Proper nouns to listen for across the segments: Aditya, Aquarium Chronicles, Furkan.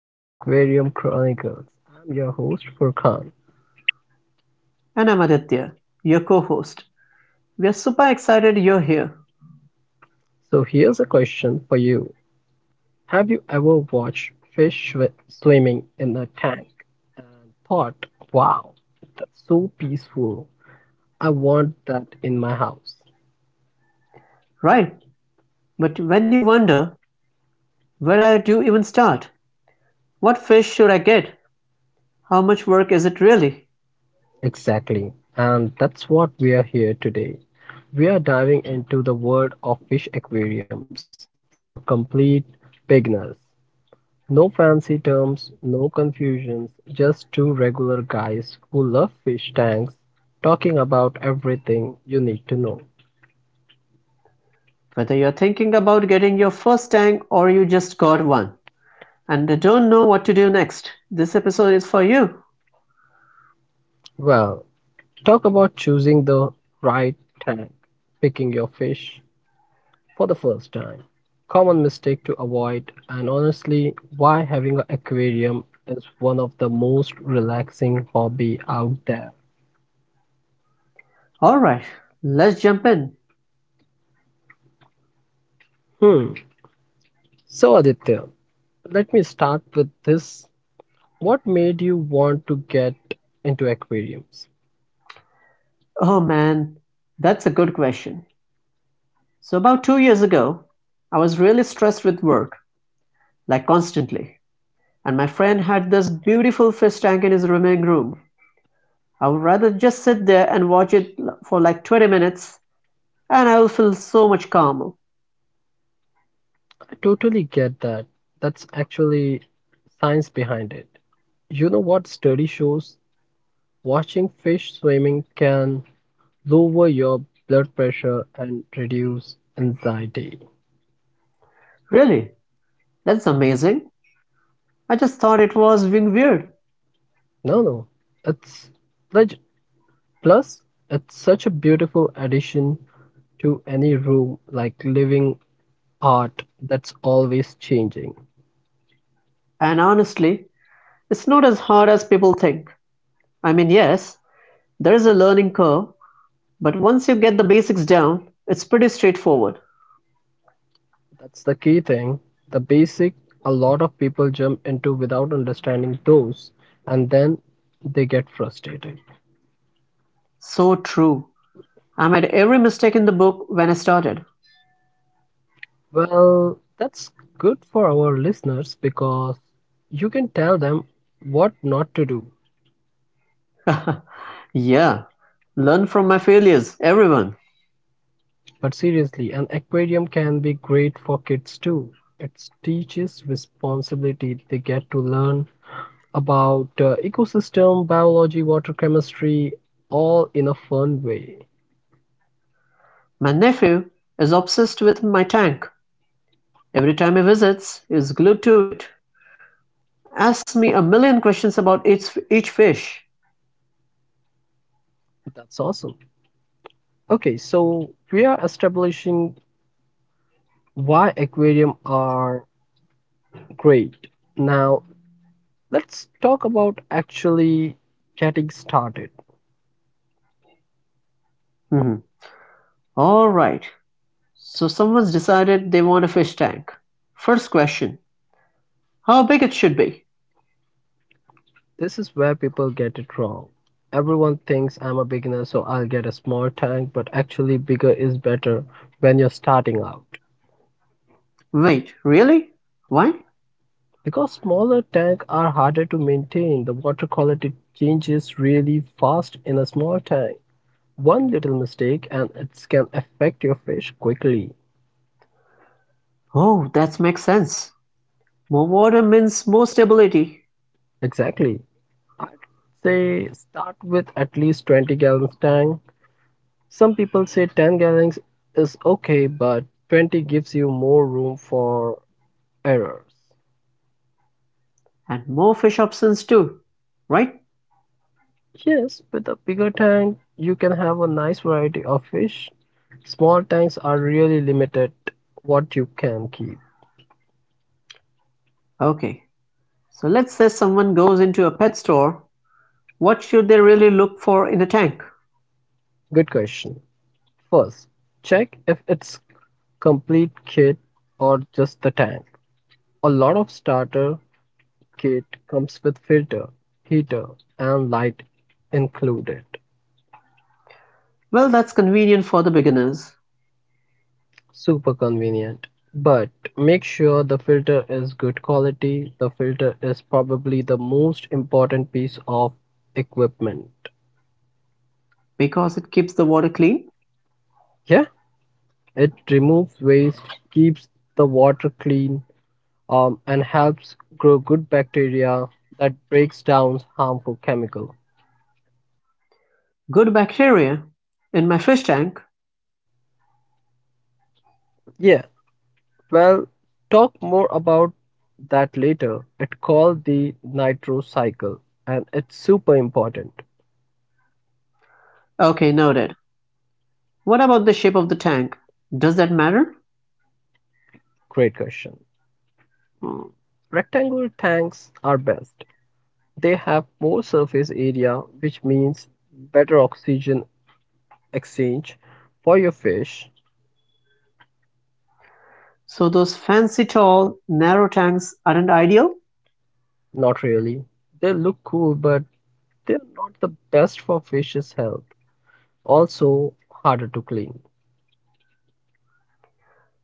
to the Aquarium Chronicles. I'm your host Furkan. And I'm Aditya, your co-host. We are super excited you're here, So here's a question for you. Have you ever watched swimming in a tank and thought, wow, that's so peaceful. I want that in my house. right? But when you wonder, where I do you even start? What fish should I get? How much work is it really? Exactly. And that's what we are here today. We are diving into the world of fish aquariums for complete beginners. No fancy terms, no confusions, just two regular guys who love fish tanks talking about everything you need to know. Whether you're thinking about getting your first tank or you just got one and don't know what to do next, this episode is for you. Well, talk about choosing the right tank, picking your fish for the first time, common mistake to avoid, and honestly, why having an aquarium is one of the most relaxing hobby out there. Alright, let's jump in. Hmm. So Aditya, let me start with this. What made you want to get into aquariums? Oh man, that's a good question. So about 2 years ago, I was really stressed with work, like constantly, and my friend had this beautiful fish tank in his living room. I would rather just sit there and watch it for like 20 minutes, and I will feel so much calmer. I totally get that. That's actually science behind it. You know what study shows? Watching fish swimming can lower your blood pressure and reduce anxiety. Really, that's amazing. I just thought it was being weird. No, no, it's leg- plus it's such a beautiful addition to any room like living art that's always changing. And honestly, it's not as hard as people think. I mean, yes, there is a learning curve, but once you get the basics down, it's pretty straightforward. That's the key thing. The basic a lot of people jump into without understanding those, and then they get frustrated. So true. I made every mistake in the book when I started. Well, that's good for our listeners because you can tell them what not to do. Yeah, learn from my failures, everyone. But seriously, an aquarium can be great for kids too. It teaches responsibility. They get to learn about ecosystem, biology, water chemistry, all in a fun way. My nephew is obsessed with my tank. Every time he visits, he's glued to it. Asks me a million questions about each fish. That's awesome. Okay, so we are establishing why aquarium are great. Now, let's talk about actually getting started. Mhm. All right. So someone's decided they want a fish tank. First question: how big it should be? This is where people get it wrong. Everyone thinks I'm a beginner, so I'll get a small tank, but actually bigger is better when you're starting out. Wait, really? Why? Because smaller tanks are harder to maintain, the water quality changes really fast in a small tank. One little mistake and it can affect your fish quickly. Oh, that makes sense. More water means more stability Exactly. I'd say start with at least 20 gallons tank. Some people say 10 gallons is okay, but 20 gives you more room for errors. and more fish options too, right? Yes, with a bigger tank, you can have a nice variety of fish. Small tanks are really limited what you can keep. Okay. So let's say someone goes into a pet store. What should they really look for in a tank? Good question. First, check if it's complete kit or just the tank. A lot of starter kit comes with filter, heater, and light included. Well, that's convenient for the beginners Super convenient. But make sure the filter is good quality. The filter is probably the most important piece of equipment. because it keeps the water clean. Yeah, it removes waste, keeps the water clean, and helps grow good bacteria that breaks down harmful chemical. Good bacteria in my fish tank. Yeah, well, talk more about that later. It's called the nitro cycle and it's super important. Okay, noted. What about the shape of the tank? Does that matter? Great question. Hmm. Rectangular tanks are best. They have more surface area, which means better oxygen exchange for your fish. So, those fancy tall, narrow tanks aren't ideal? Not really. They look cool, but they're not the best for fish's health. Also, harder to clean.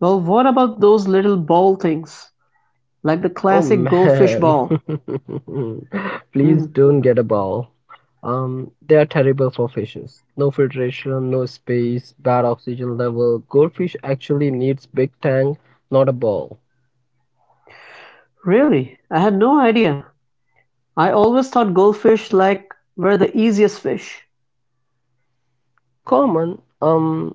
Well, what about those little ball things like the Oh classic goldfish man, ball? please Hmm, don't get a bowl. They are terrible for fishes. No filtration, no space, bad oxygen level. Goldfish actually needs big tank, not a bowl. really? I had no idea. I always thought goldfish like were the easiest fish. Common, um,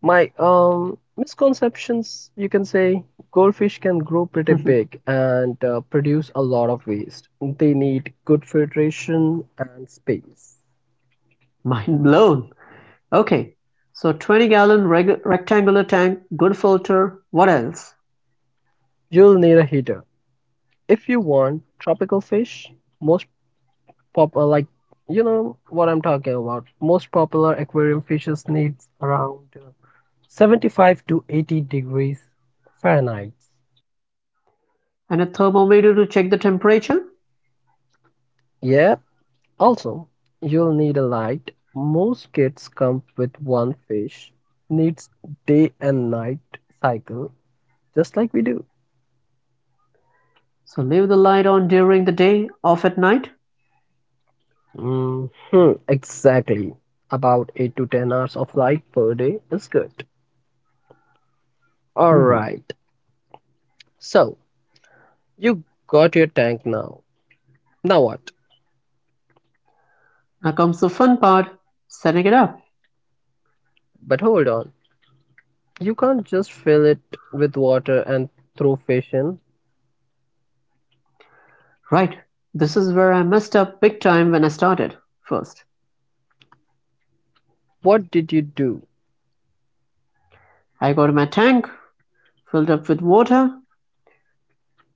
my um misconceptions. You can say goldfish can grow pretty big and produce a lot of waste. They need good filtration and space. Mind blown. Okay, so 20 gallon rectangular tank, good filter, what else? You'll need a heater if you want tropical fish. Most popular like you know what I'm talking about. Most popular aquarium fishes needs around 75 to 80 degrees Fahrenheit. And a thermometer to check the temperature. Yeah, also you'll need a light. Most kits come with one fish. Needs day and night cycle just like we do. So leave the light on during the day, off at night. Hmm exactly. About 8 to 10 hours of light per day is good. All Hmm. right. So, you got your tank now. Now what? Now comes the fun part setting it up. But hold on. You can't just fill it with water and throw fish in. Right, this is where I messed up big time when I started. First, What did you do? I got my tank filled up with water,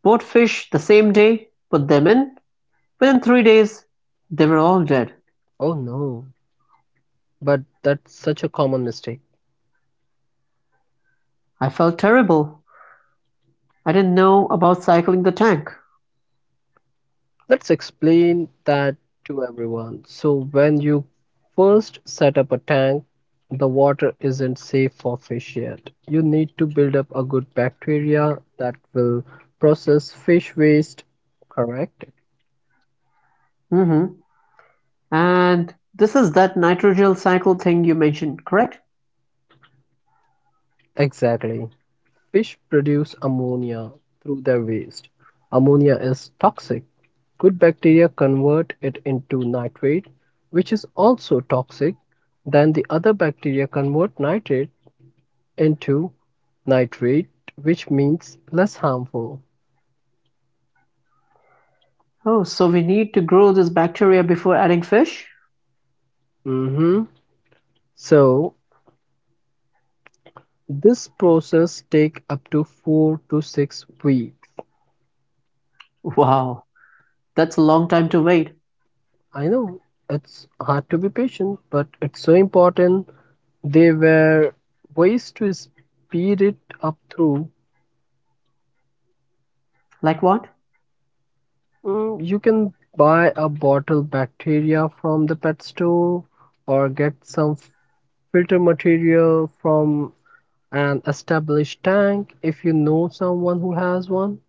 bought fish the same day, put them in. Within 3 days, they were all dead. Oh no. But that's such a common mistake. I felt terrible. I didn't know about cycling the tank. Let's explain that to everyone. So, when you first set up a tank, the water isn't safe for fish yet. You need to build up a good bacteria that will process fish waste, correct? Hmm. And this is that nitrogen cycle thing you mentioned, correct? Exactly. Fish produce ammonia through their waste. Ammonia is toxic. Good bacteria convert it into nitrate, which is also toxic. Then the other bacteria convert nitrate into nitrate, which means less harmful. Oh, so we need to grow this bacteria before adding fish? Mhm. So this process takes up to 4 to 6 weeks. Wow, that's a long time to wait. I know it's hard to be patient, but it's so important. There were ways to speed it up through. Like what? Mm, you can buy a bottle bacteria from the pet store or get some filter material from an established tank if you know someone who has one.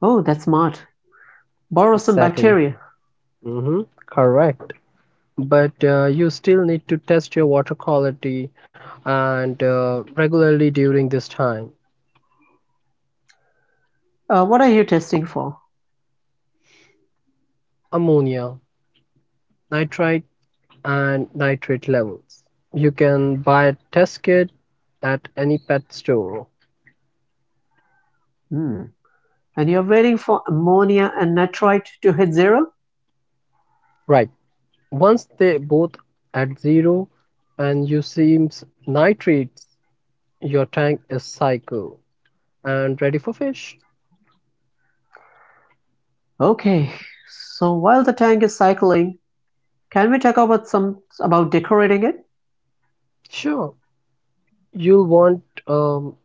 Oh, that's smart. Borrow some Exactly. bacteria. Mm-hmm. Correct. But you still need to test your water quality and regularly during this time. What are you testing for? Ammonia, nitrite, and nitrate levels. You can buy a test kit at any pet store. Hmm. And you're waiting for ammonia and nitrite to hit zero? Right. Once they both at zero and you see nitrates, your tank is cycle and ready for fish. Okay. So while the tank is cycling, can we talk about some about decorating it? Sure. You'll want um,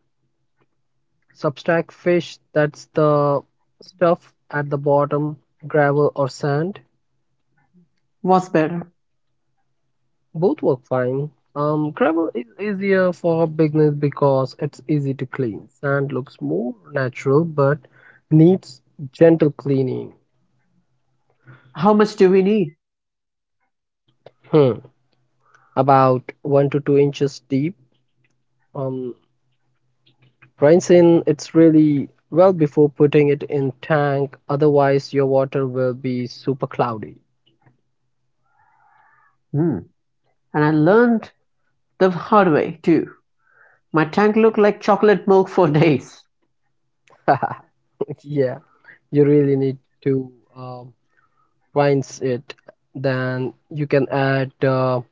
substract fish, that's the stuff at the bottom, gravel or sand. What's better? Both work fine. Crabble is easier for beginners because it's easy to clean. Sand looks more natural but needs gentle cleaning. How much do we need? Hmm. About 1 to 2 inches deep. Um, Rinsing it's really well before putting it in tank. Otherwise, your water will be super cloudy. Hmm. And I learned the hard way too. My tank looked like chocolate milk for days. Yeah, you really need to rinse it. Then you can add uh,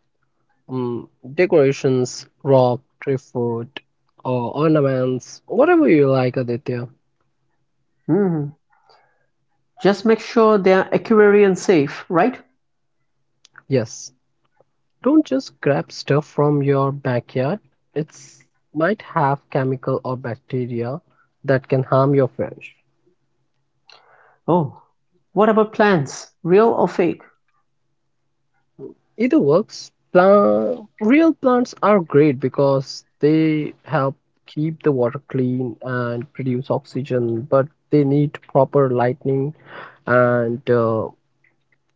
um, decorations, rock, tree food, or ornaments, whatever you like, Aditya. Hmm. Just make sure they're aquarium safe, right? Yes, don't just grab stuff from your backyard. It's might have chemical or bacteria that can harm your fish. Oh. What about plants? Real or fake? Either works. Plant, real plants are great because they help keep the water clean and produce oxygen, but they need proper lighting and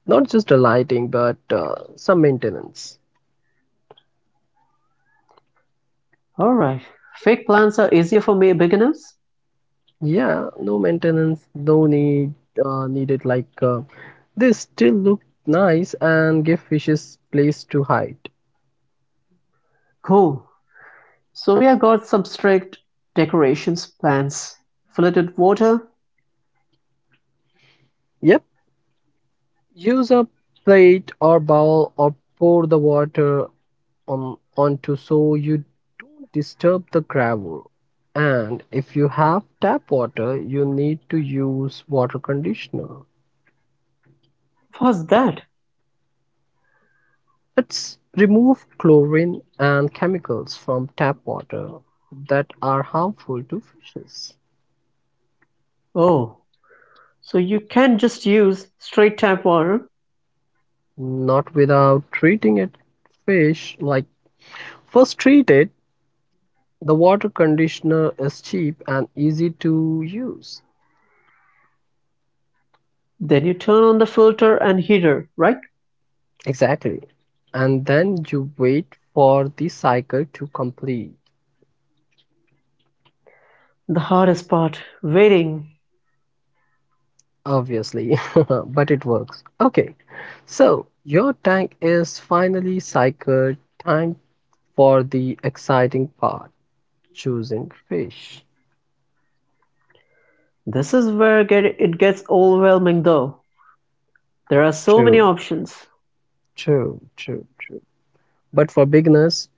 not just a lighting, but some maintenance. Alright. Fake plants are easier for me beginners? Yeah, no maintenance, no need needed. They still look nice and give fishes place to hide. Cool. So we have got some strict decorations plants. Filtered water? Yep, use a plate or bowl or pour the water on onto so you don't disturb the gravel. And if you have tap water, you need to use water conditioner. What's that? It's remove chlorine and chemicals from tap water that are harmful to fishes, Oh. So you can just use straight tap water. not without treating it fish like first treated. The water conditioner is cheap and easy to use. Then you turn on the filter and heater, right? Exactly. And then you wait for the cycle to complete. The hardest part, waiting. Obviously, but it works. Okay. So your tank is finally cycled. Time for the exciting part choosing fish. This is where it gets overwhelming though, there are so many True, options. true. But for beginners,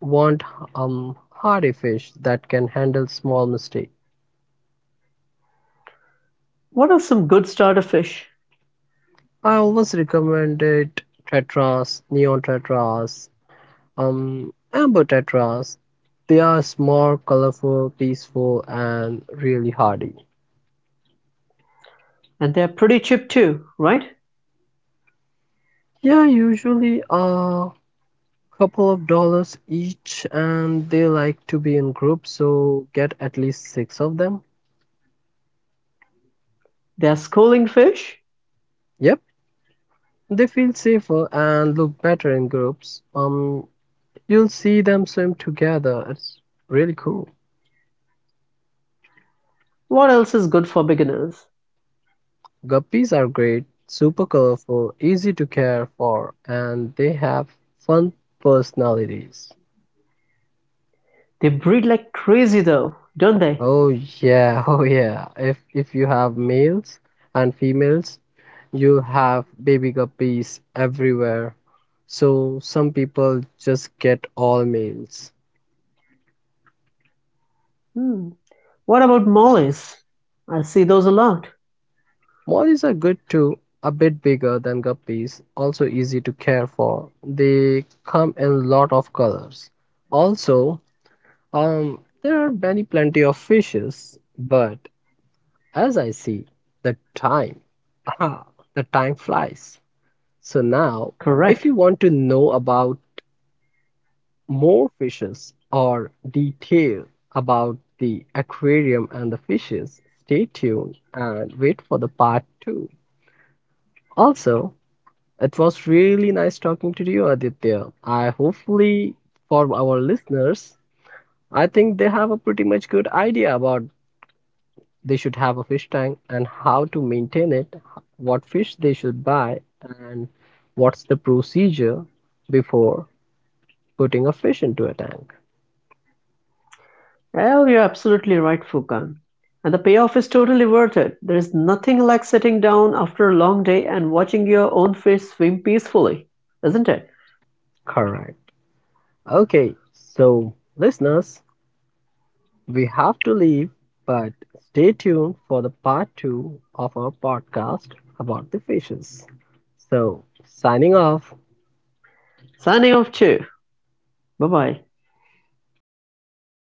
want hardy fish that can handle small mistake. What are some good starter fish? I always recommended tetras, neon tetras, amber tetras. They are small, colorful, peaceful, and really hardy. And they're pretty cheap too, right? Yeah, usually a couple of dollars each, and they like to be in groups, so get at least six of them. They're schooling fish? Yep, they feel safer and look better in groups. You'll see them swim together. It's really cool. What else is good for beginners? Guppies are great, super colorful, easy to care for, and they have fun personalities. They breed like crazy though, don't they? Oh yeah, oh yeah. If you have males and females, you have baby guppies everywhere. So some people just get all males. Hmm. What about mollies? I see those a lot. Mollies are good too, a bit bigger than guppies, also easy to care for. They come in a lot of colors. Also, there are many plenty of fishes, but as I see, the time, ah, the time flies. So now, if you Correct. want to know about more fishes or detail about the aquarium and the fishes, stay tuned and wait for the part two. Also, it was really nice talking to you, Aditya. I hopefully, for our listeners, I think they have a pretty much good idea about they should have a fish tank and how to maintain it, what fish they should buy, and what's the procedure before putting a fish into a tank. Well, you're absolutely right, Fukan. And the payoff is totally worth it. There is nothing like sitting down after a long day and watching your own fish swim peacefully, isn't it? Correct. Okay, so listeners, we have to leave, but stay tuned for the part two of our podcast about the fishes. So, signing off. Signing off too. Bye bye.